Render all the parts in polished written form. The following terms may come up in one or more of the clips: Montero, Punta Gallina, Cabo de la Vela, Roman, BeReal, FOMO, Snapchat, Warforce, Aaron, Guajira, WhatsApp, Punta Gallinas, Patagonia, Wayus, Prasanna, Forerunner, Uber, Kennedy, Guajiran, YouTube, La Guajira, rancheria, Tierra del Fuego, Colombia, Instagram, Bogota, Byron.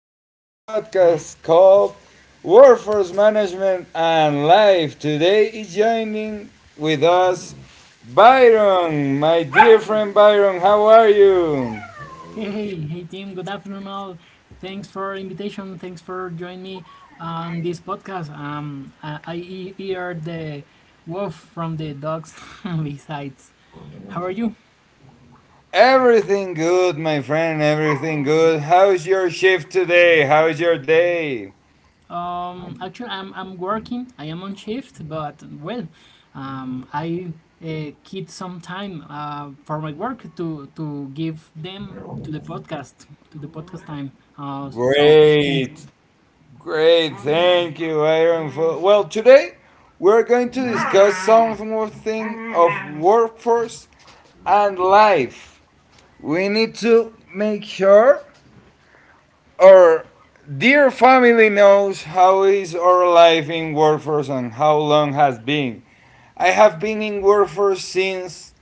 to the new podcast called Workforce Management and Life. Today is joining with us Byron, my dear friend Byron. How are you? Hey, hey, hey, team. Good afternoon, all. Thanks for invitation. Thanks for joining me on this podcast. I hear the wolf from the dogs besides. How are you? Everything good, my friend. Everything good. How's your shift today? How's your day? Actually, I'm working. I am on shift, but well, I keep some time for my work to give them to the podcast time. Great. Great, thank you, Aaron. Today we're going to discuss some more thing of workforce and life. We need to make sure our dear family knows how is our life in workforce and how long has been. I have been in workforce since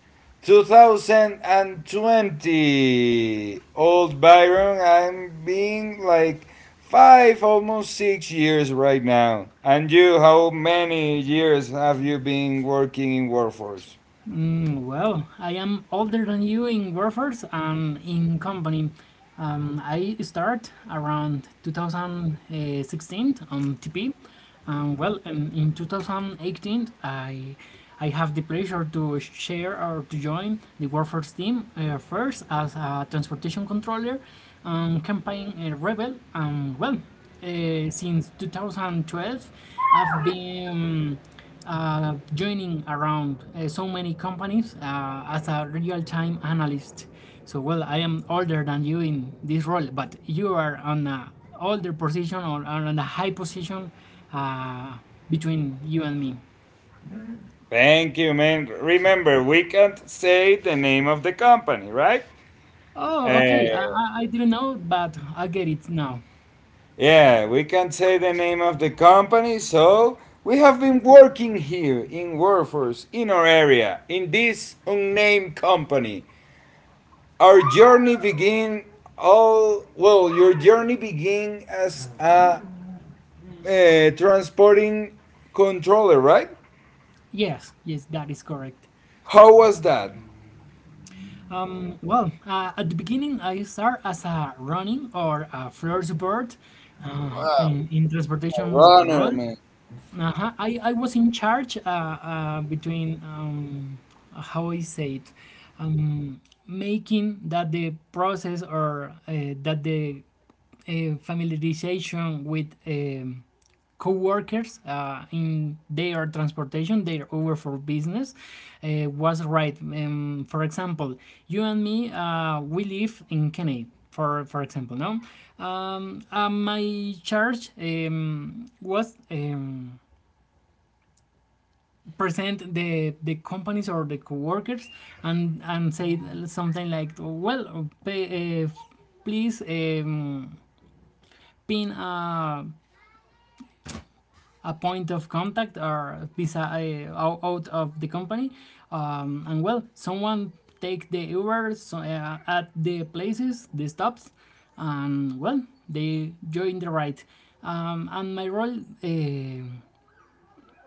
2020. Old Byron, I'm being like five, almost 6 years right now. And you, how many years have you been working in workforce? Mm, well, I am older than you in Warfors and in company. I start around 2016 on TP. And well, in 2018, I have the pleasure to share or to join the Warforce team first as a transportation controller, campaign rebel. And well, since 2012, I've been joining around so many companies as a real-time analyst. So well, I am older than you in this role, but you are on a older position or on a high position uh, between you and me. Thank you, man. Remember, we can't say the name of the company, right? Oh, okay. I, Uh, I I didn't know, but I get it now. yeah, we can't say the name of the company, so we have been working here in workforce in our area in this unnamed company. Our journey begin all well. Your journey begin as a transporting controller, right? Yes, yes, that is correct. How was that? At the beginning, I start as a running or a floor support in transportation Runner, role. man. Uh-huh. I was in charge between how I say it, um, making that the process or that the familiarization with co-workers in their transportation, their over for business, was right. For example, you and me, we live in Kennedy. For example, no, my charge was, present the companies or the coworkers and say something like, well, pay, please, pin a point of contact or visa out of the company, and well someone take the Uber. At the places, the stops, and well they join the ride. And my role uh,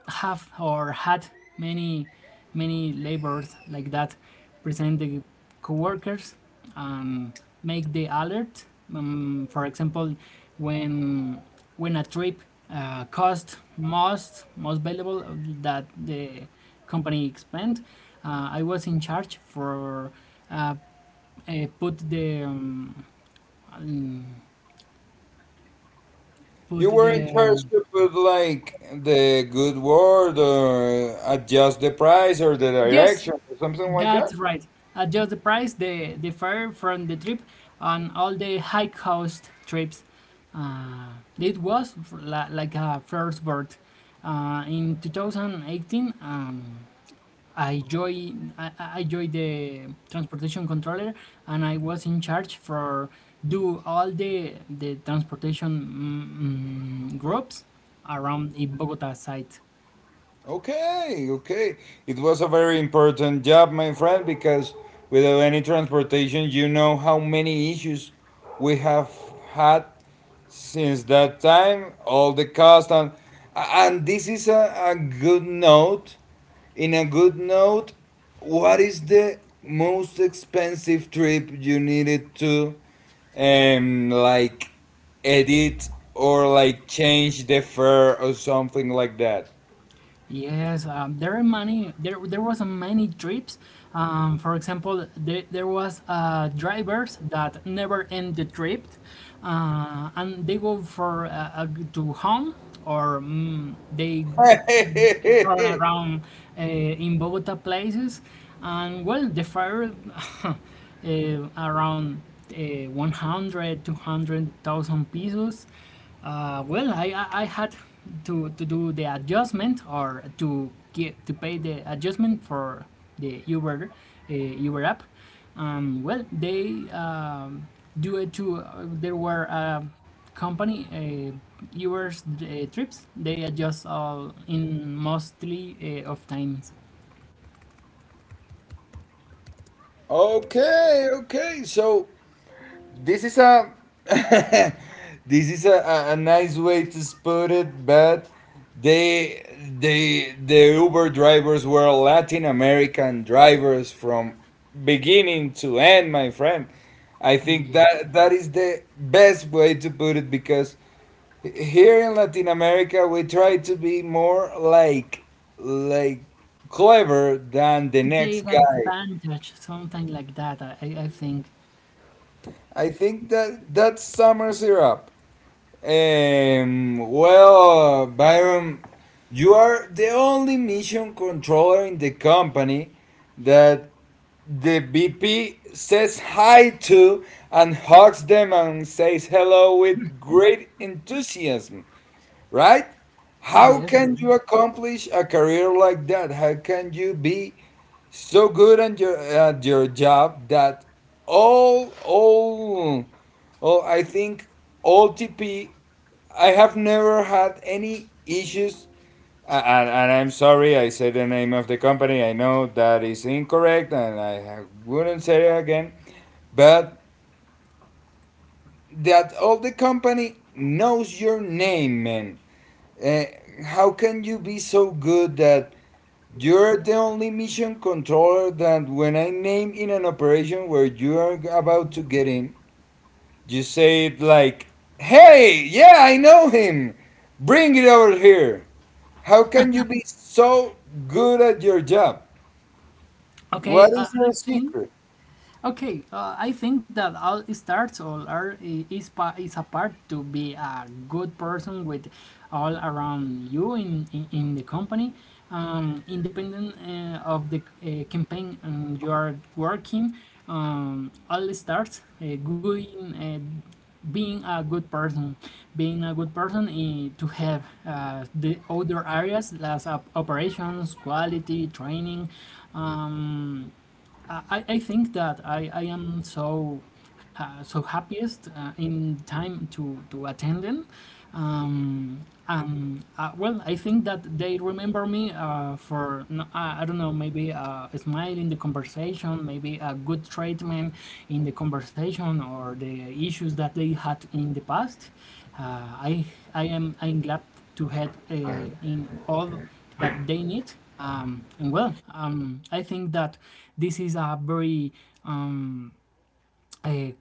have or had many many labors like that: present the coworkers and make the alert. For example, when when a trip cost most valuable that the company expend, I was in charge for, uh, put the, um, put You were in the, charge to put like the good word or adjust the price or the yes, direction or something like that. that's right. Adjust the price, the fare from the trip, and all the high cost trips. It was like a first bird. In 2018, I joined, I joined the transportation controller, and I was in charge for do all the transportation groups around in Bogota site. Okay, okay. It was a very important job, my friend, because without any transportation, you know how many issues we have had since that time, all the cost and this is a good note, in a good note, what is the most expensive trip you needed to like edit or like change the fare or something like that? Yes, there are many. There was a many trips. For example, there was drivers that never end the trip, and they go for to home, or they all Okay, around in Bogota places. And well, the fare uh, around 100, pesos. Well, I had to do the adjustment or to get to pay the adjustment for the Uber, Uber app. Well, they, do it to, there were company, yours trips they adjust all in mostly of times. okay, so this is a this is a nice way to put it, but they they the Uber drivers were Latin American drivers from beginning to end, my friend. I think Yeah, that that is the best way to put it because here in Latin America we try to be more like like clever than the to next take guy. advantage, something like that, I think. I think that that's summer syrup. Byron, you are the only mission controller in the company that the VP says hi to and hugs them and says hello with great enthusiasm, right? How Yes, all can right. you accomplish a career like that? How can you be so good at at your job that all, all, all, I think, all TP, I have never had any issues. And I'm sorry, I said the name of the company. I know that is incorrect, and I wouldn't say it again. But that all the company knows your name, man. Uh, how can you be so good that you're the only mission controller that when I name in an operation where you are about to get in, you say it like, "Hey, yeah, I know him. Bring it over here." How can you be so good at your job? okay What uh, is i your think secret? Okay, I think that all starts, all are, is a part to be a good person with all around you in the company, independent of the campaign you are working. All starts going. Being a good person, being a good person to have the other areas, as operations, quality, training, um, I think that I am so so happiest in time to attend them. Um, well, I think that they remember me for no- I don't know, maybe a smile in the conversation, maybe a good treatment in the conversation or the issues that they had in the past. Uh, I I am, I'm glad to help in all that they need. And well, I think that this is a very, um, a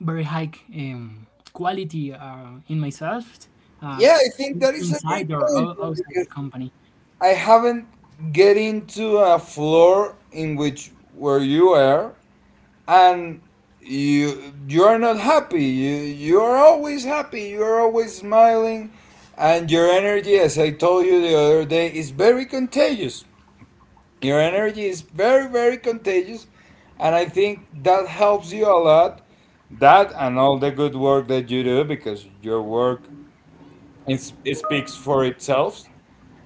very high, quality in myself, uh, Yeah, I think in- that is a great inside or point, ou- man, outside the because company. I haven't get into a floor in which where you are and you are not happy. You are always happy. You are always smiling, and your energy, as I told you the other day, is very contagious. Your energy is very, very contagious, and I think that helps you a lot. That and all the good work that you do, because your work it speaks for itself.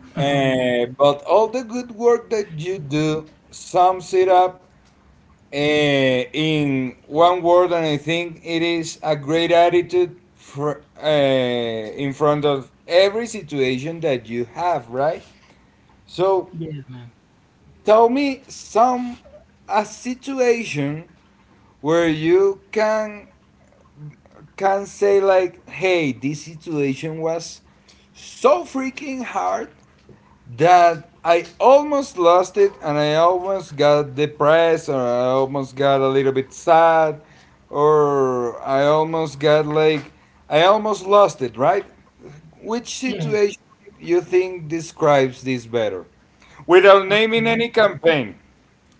How many Uh, things? but all the good work that you do sums it up in one word, and I think it is a great attitude for, in front of every situation that you have, right? So Yes, man. tell me some, a situation where you can say like, "Hey, this situation was so freaking hard that I almost lost it and I almost got depressed, or I almost got a little bit sad, or I almost got like, I almost lost it, right? Which Yes. situation you think describes this better without naming Okay, any campaign?"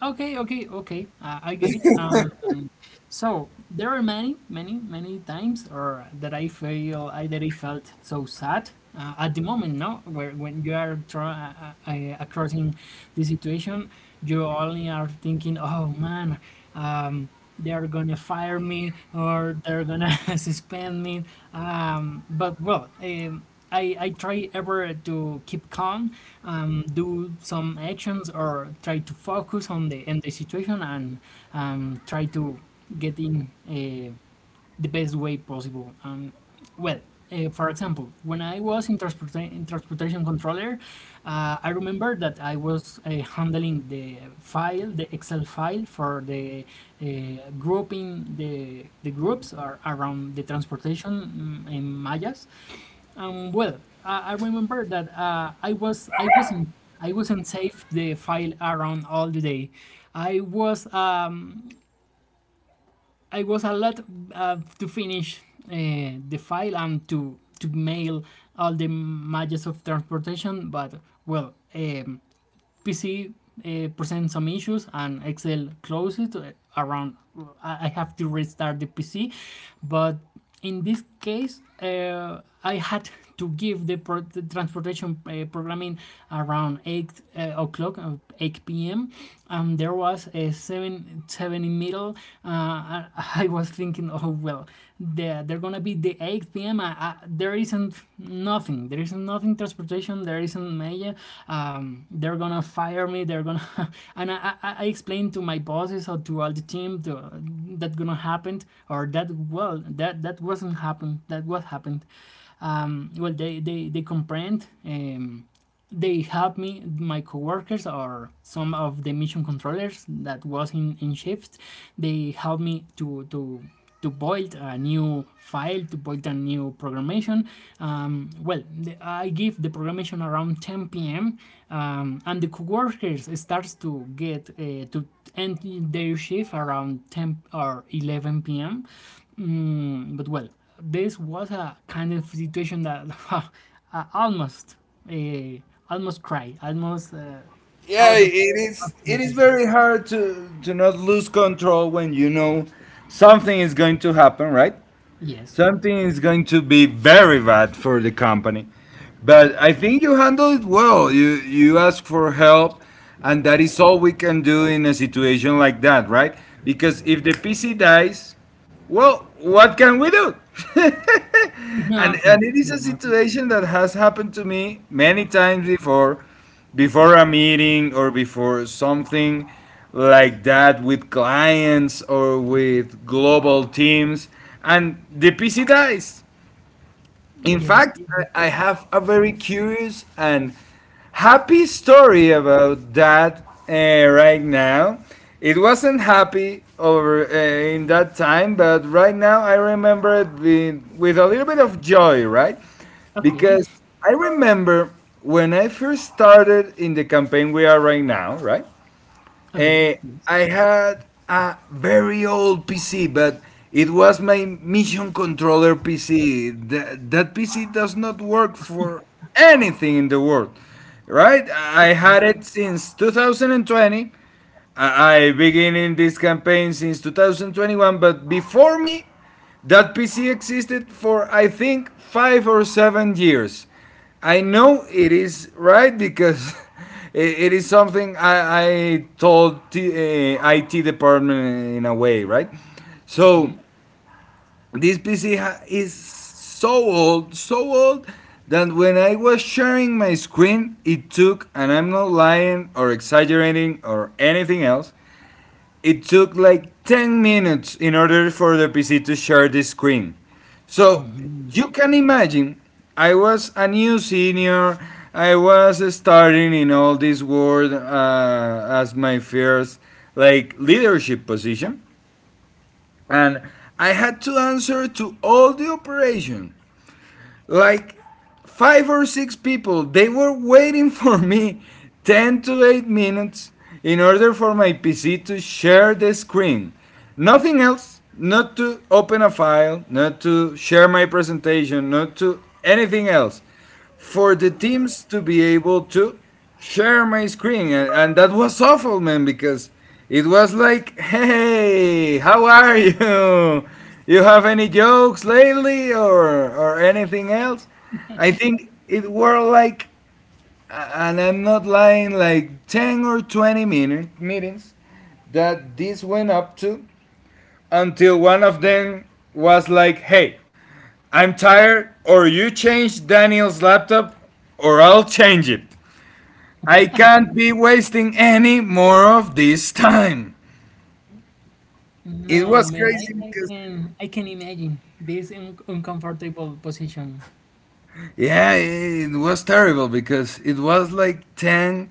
okay, I get it. So there are many, many, many times, or that I feel I that I felt so sad at the moment. No, where when you are crossing the situation, you only are thinking, "Oh man, um, they are gonna fire me, or they're gonna suspend me." But well, I try ever to keep calm, do some actions, or try to focus on the situation and try to getting the best way possible. And well, for example, when I was in, in transportation controller, I remember that I was handling the file, the Excel file for the grouping the groups are around the transportation, in Mayas. Well, I remember that I was I wasn't, safe the file around all the day. I was, I was a lot to finish uh, the file and to mail all the matches of transportation. But well, PC present some issues and Excel closes around. I have to restart the PC, but in this case, I had to give the, the transportation programming around eight o'clock, eight p.m. And there was a seven seven in middle, uh, I was thinking, oh well, they're gonna be the 8 p.m. There isn't nothing. There isn't nothing transportation. There isn't media. They're gonna fire me. They're gonna and I explained to my bosses or to all the team that gonna happen or that well that that wasn't happen. That was happened. Well they comprehend. They have me my coworkers or some of the mission controllers that was in shift, they help me to build a new file, to build a new programmation. Well I give the programmation around 10 p.m. And the coworkers starts to get to end their shift around 10 or 11 p.m. But well, this was a kind of situation that I almost, uh, almost cried, almost Yeah, out it of is. It is patience. very hard to not lose control when you know something is going to happen, right? Yes, Something is going to be very bad for the company, but I think you handle it well. You ask for help, and that is all we can do in a situation like that, right? Because if the PC dies, well, what can we do? And nothing. it is a No- situation that has happened to me many times before, before a meeting or before something like that with clients or with global teams, and the PC dies. In Yes, fact, it- I have a very curious and happy story about that right now. It wasn't happy over in that time, but right now I remember it with a little bit of joy, right? Okay. Because I remember when I first started in the campaign we are right now, right? Okay. Eh, I had a very old PC, but it was my mission controller PC. That PC does not work for anything in the world, right? I Okay. had it since 2020. I began in this campaign since 2021, but before me, that PC existed for I think 5 or 7 years. I know it is right because it is something I told IT department in a way, right? So Okay. this is so old that when I was sharing my screen, it took, and I'm not lying or exaggerating or anything else, it took like 10 minutes in order for the PC to share the screen. So Oh man. you can imagine, I was a new senior, I was starting in all this world as my first like leadership position, and I had to answer to all the operation like five or six people. They were waiting for me 10 to 8 minutes in order for my PC to share the screen. Nothing else, not to open a file, not to share my presentation, not to anything else for the teams to be able to share my screen. And that was awful, man, because it was like, hey, how are you? You have any jokes lately, or anything else? I think it were like, and I'm not lying, like 10 or 20-minute meetings that this went up to, until one of them was like, hey, I'm tired, or you change Daniel's laptop, or I'll change it. I can't be wasting any more of this time. It No was man, crazy because, I can imagine this uncomfortable position. yeah, it was terrible because it was like 10,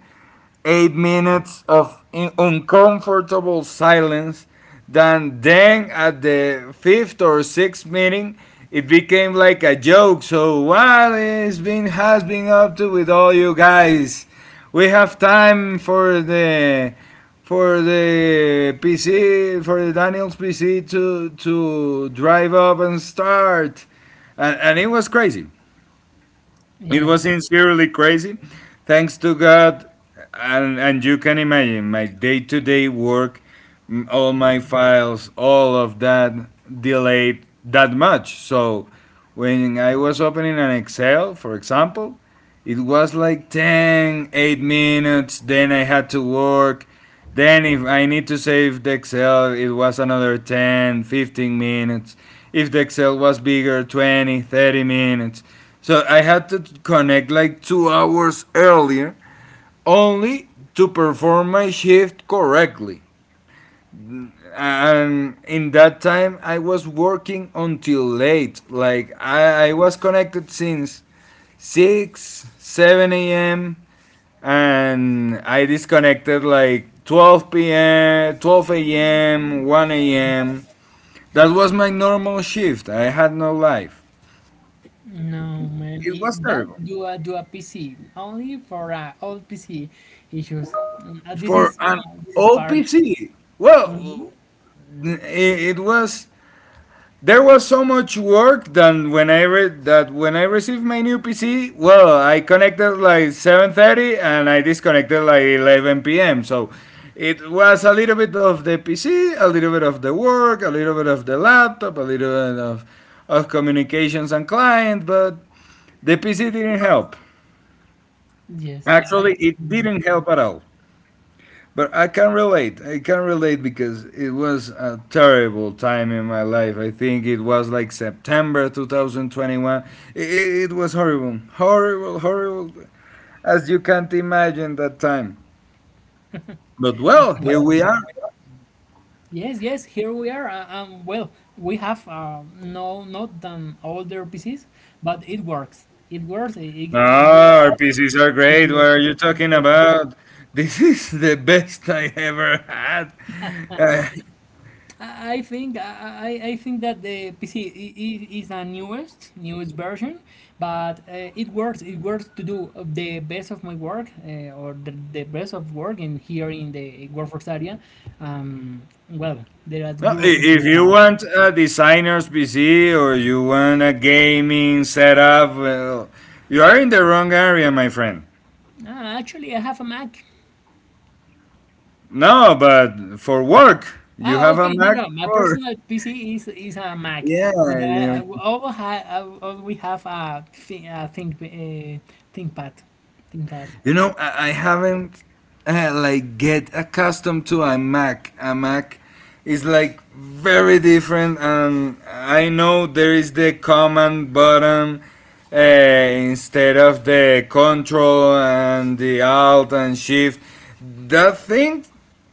8 minutes of uncomfortable silence. Then at the fifth or sixth meeting, it became like a joke. So, what is been, has been up to with all you guys? We have time for the for the PC for the Daniel's PC to drive up and start, and it was crazy. It Yeah. was sincerely crazy. Thanks to God, and you can imagine my day to day work, all my files, all of that delayed that much. So when I was opening an Excel, for example, it was like 10, 8 minutes, then I had to work. Then, if I need to save the Excel, it was another 10, 15 minutes. If the Excel was bigger, 20, 30 minutes. So I had to connect like 2 hours earlier only to perform my shift correctly. And in that time, I was working until late. Like, I was connected since 6, 7 a.m, and I disconnected like 12 p.m., 12 a.m., 1 a.m. That was my normal shift. I had no life. No man, It was it, that terrible do a PC only for old PC issues. This for is, an this is part. OPC. Well, Mhm. It was, there was so much work done when I read that, when I received my new PC. Well, I connected like 7:30 and I disconnected like 11 p.m. So it was a little bit of the PC, a little bit of the work, a little bit of the laptop, a little bit of communications and client, but the PC didn't help. Yes, I Actually, can it get it. didn't help at all. But I can relate. I can relate because it was a terrible time in my life. I think it was like September 2021. It was horrible. Horrible, horrible. As you can't imagine that time. But I well, can, here well, get we it. Here are. we are. Yes, yes, here we are. Well, we have no not than older PCs, but it works. It works. It, Ah, our PCs are it great. What are you talking works. about? This is the best I ever had. Uh, I I think I, I think that the PC is the newest newest version, but it works. It works to do of the best of my work, the best of work in here in the workforce area. Well, there are No, Google PCs if you now. want a designer's PC or you want a gaming setup, well, you are in the wrong area, my friend. Ah, actually, I have a Mac. No, but for work, you Ah, have a okay. No, Mac no. My for personal PC is a Mac, yeah, but I all, ha, I all we have a, ThinkPad, ThinkPad. you know, I haven't like get accustomed to a Mac. A Mac is like very different, and I know there is the command button instead of the control and the alt and shift. That thing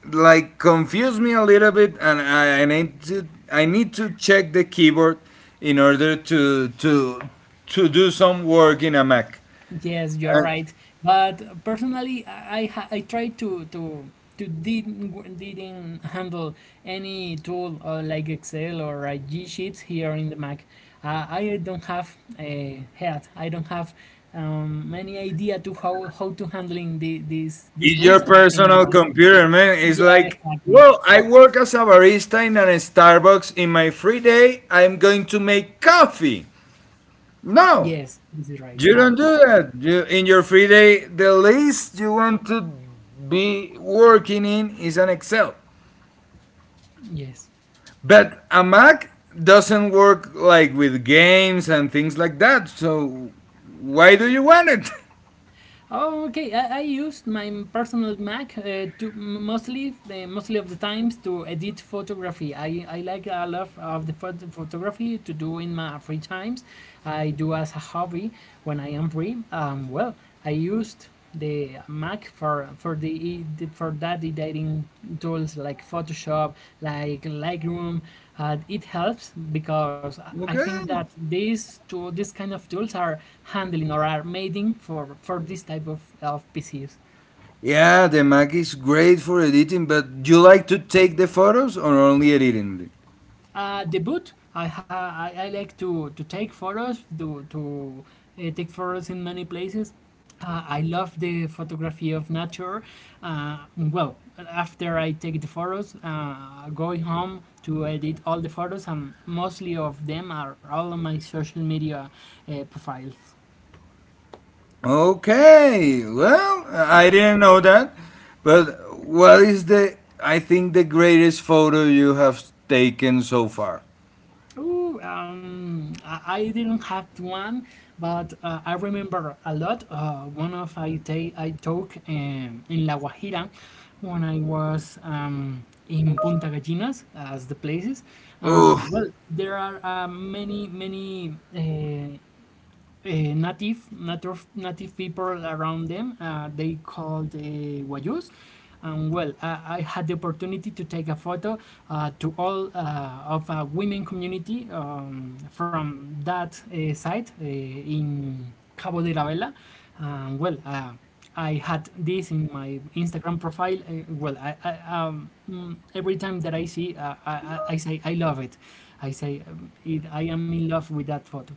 like confused me a little bit, and I need to check the keyboard in order to to do some work in a Mac. Yes, you're right. But personally, I try to to didn't handle any tool like Excel or G Sheets here in the Mac. I don't have a head. I don't have, any idea to how to handling the, these It's your tools in my personal Mac. computer, man. It's Yeah, like, exactly. well, I work as a barista in a Starbucks. In my free day, I'm going to make coffee. No, Yes, this is right you now. don't do that. You, in your free day, the least you want to be working in is an Excel. Yes. But a Mac doesn't work like with games and things like that. So why do you want it? Oh, okay. I used my personal Mac to mostly of the times to edit photography. I like a lot of the photography to do in my free times. I do as a hobby when I am free. Well, I used the Mac for the for that editing tools like Photoshop, like Lightroom. It helps because I think that Okay. these two, these kind of tools are handling or are making for this type of PCs. Yeah, the Mac is great for editing, but do you like to take the photos or only editing them? The boot. I I like to take photos to take photos in many places. I love the photography of nature. Well, after I take the photos, going home to edit all the photos, and mostly of them are all on my social media profiles. Okay, well, I didn't know that, but what is the, I think, the greatest photo you have taken so far? Ooh, I didn't have one, but I remember a lot. One of I took in La Guajira when I was in Punta Gallinas, as the places. Oof. Um, well, there are many native people around them. They called Wayus. And well, I had the opportunity to take a photo to all of a women community from that site in Cabo de la Vela. And I had this in my Instagram profile. I every time that I see, I say I love it. I say I am in love with that photo.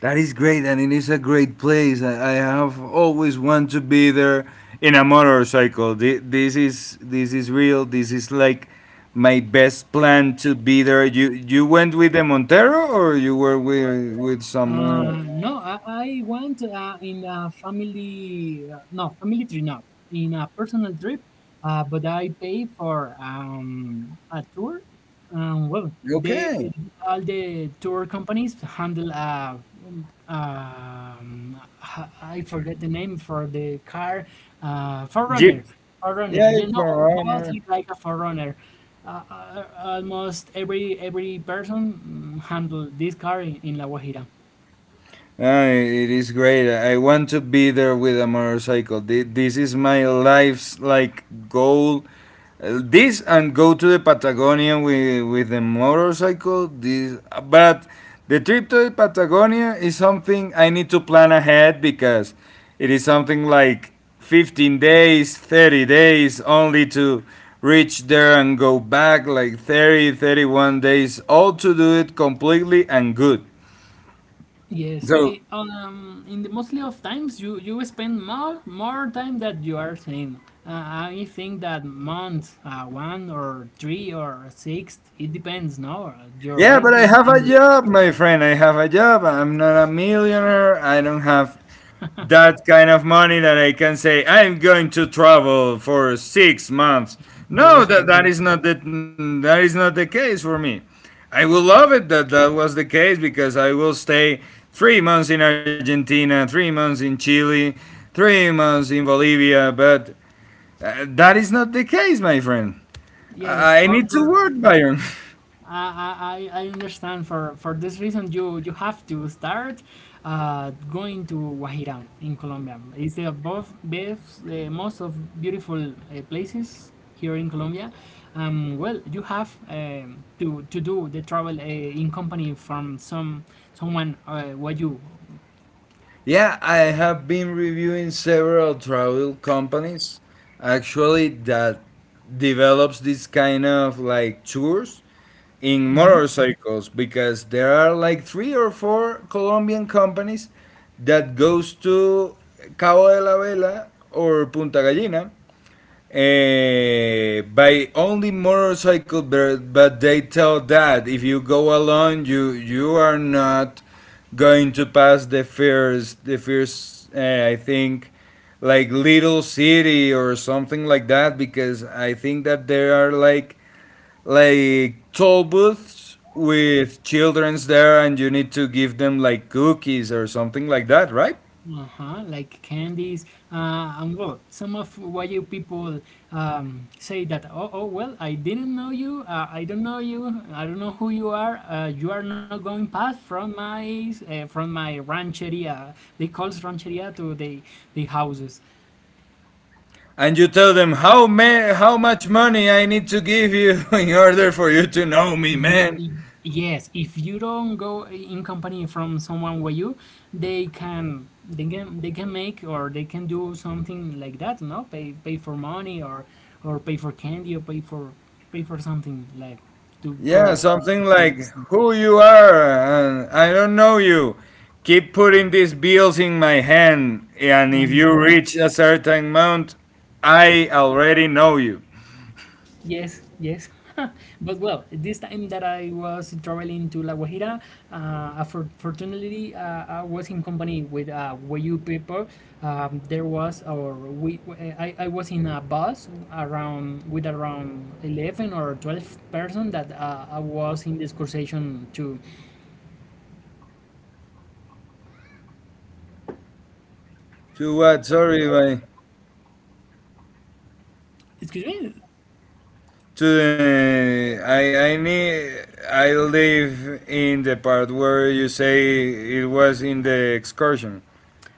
That is great, and it is a great place. I have always wanted to be there in a motorcycle. This is real. This is like my best plan to be there. You went with the Montero, or you were with someone? No, I went in a family, no, family trip, not in a personal trip, but I pay for a tour. Well, they Okay. All the tour companies handle I forget the name for the car, Jeep. Forerunner, Forerunner. Yeah, You know, Corona. mostly like a Forerunner. Almost every person handle this car in La Guajira. It is great. I want to be there with a motorcycle. This is my life's like goal. This and go to the Patagonia with the motorcycle. This, but the trip to the Patagonia is something I need to plan ahead because it is something like 15 days, 30 days only to reach there and go back like 30, 31 days all to do it completely and good. Yes, eh, So in the mostly of times you spend more time that you are saying. Uh, I think that month, one or three or six, it depends. No, uh, you're yeah, but I renting have a in the job, my friend. I have a job. I'm not a millionaire. I don't have that kind of money that I can say I'm going to travel for 6 months. No, yes for this. That is not the case for me. I would love it that that was the case because I will stay 3 months in Argentina, 3 months in Chile, 3 months in Bolivia, but that is not the case, my friend. Yes, I need to for work, Byron. I understand for this reason, you have to start going to Guajiran in Colombia. It's the both best, the most of beautiful places here in Colombia. You have to do the travel in company from some someone what you. Yeah, I have been reviewing several travel companies actually that develops this kind of like tours in Mhm. motorcycles because there are like 3 or 4 Colombian companies that goes to Cabo de la Vela or Punta Gallina, eh, by only motorcycle, but, they tell that if you go alone, you are not going to pass the first I think like little city or something like that because I think that there are like toll booths with childrens there and you need to give them like cookies or something like that, right? Uh-huh, like candies. Some of what you people say that, oh, oh, well, I didn't know you. I don't know you. I don't know who you are. You are not going past from my rancheria. They calls rancheria to the houses. And you tell them how much money I need to give you in order for you to know me, Y- man. y- Yes, if you don't go in company from someone with you, they can make or they can do something like that, no? Pay for money or pay for candy or pay for pay for something like to Yeah, go to something different like destination. who you are and I don't know you. Keep putting these bills in my hand, and if you Uh-huh. reach a certain amount, I already know you. Yes, yes. But well, this time that I was traveling to La Guajira, fortunately, I was in company with Wayu people. There was, or we, I was in a bus around with around 11 or 12 person that I was in this conversation to, To what? Sorry, my. excuse me. To the, I need I live in the part where you say it was in the excursion.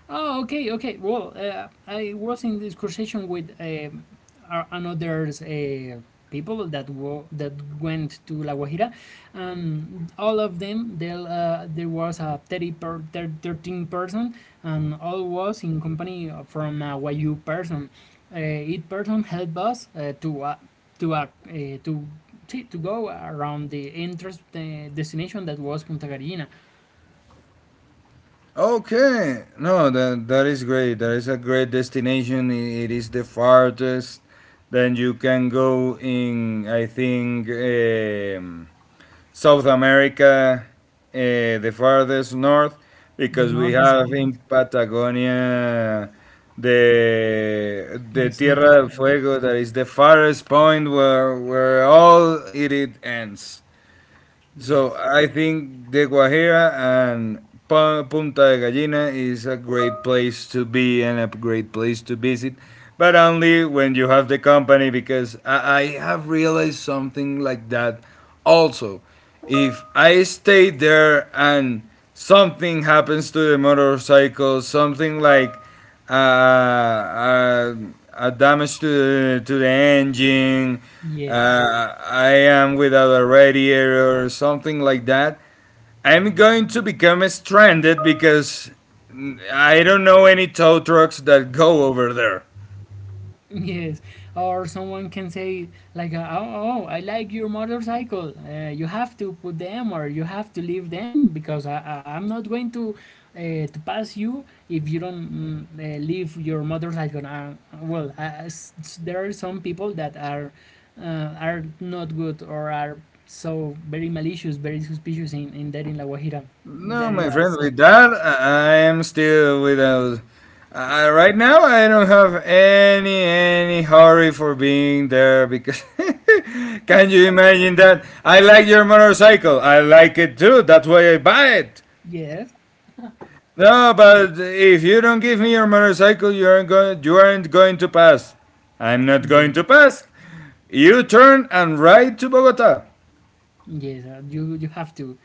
Oh, okay, okay. Well, I was in this conversation with another people that went to La Guajira. All of them, there was a 13 person, and all was in company from a YU person. Each person helped us to to see, to go around the interest the destination that was Punta Gallina, Okay, no, that is great. That is a great destination. It is the farthest that you can go in, I think, South America, the farthest north, the because we northest have point, in Patagonia the the Tierra southest del point. Fuego. That is the farthest point where all it, it ends. Yes. So I think the Guajira and Punta de Gallina is a great place to be and a great place to visit, but only when you have the company because I have realized something like that also. If I stay there and something happens to the motorcycle, something like uh, uh, damage to the engine. Yes, I am without a radiator or something like that. I'm going to become stranded because I don't know any tow trucks that go over there. yes. Or someone can say like, "Oh, oh, I like your motorcycle. You have to put them, or you have to leave them, because I'm not going to pass you if you don't leave your motorcycle." There are some people that are not good or are so very malicious, very suspicious in there in La Guajira. No, There my are friend, some. with that, I am still without. Right now, I don't have any hurry for being there because can you imagine that? I like your motorcycle. I like it too. That's why I buy it. Yes. No, but if you don't give me your motorcycle, you aren't going. You aren't going to pass. I'm not going to pass. You turn and ride to Bogota. Yes, you have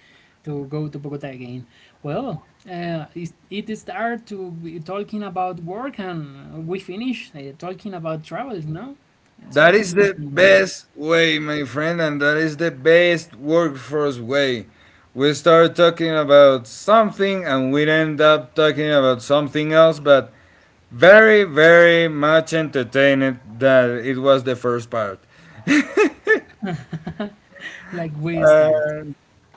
to go to Bogota again. Well, it start to be talking about work and we finish talking about travel. No, it's so That is the interesting, Roman. best way, my friend, and that is the best workforce way. We start talking about something and we end up talking about something else, but very, very much entertained that it was the first part. Like we start. Uh,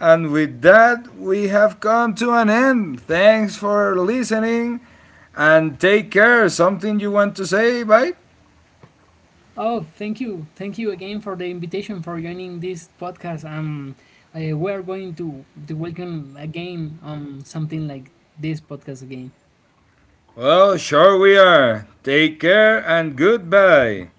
and with that, we have come to an end. Thanks for listening and take care. Something you want to say, bye? Oh, thank you again for the invitation for joining this podcast. We are going to welcome again something like this podcast again. Well, sure we are. Take care and goodbye.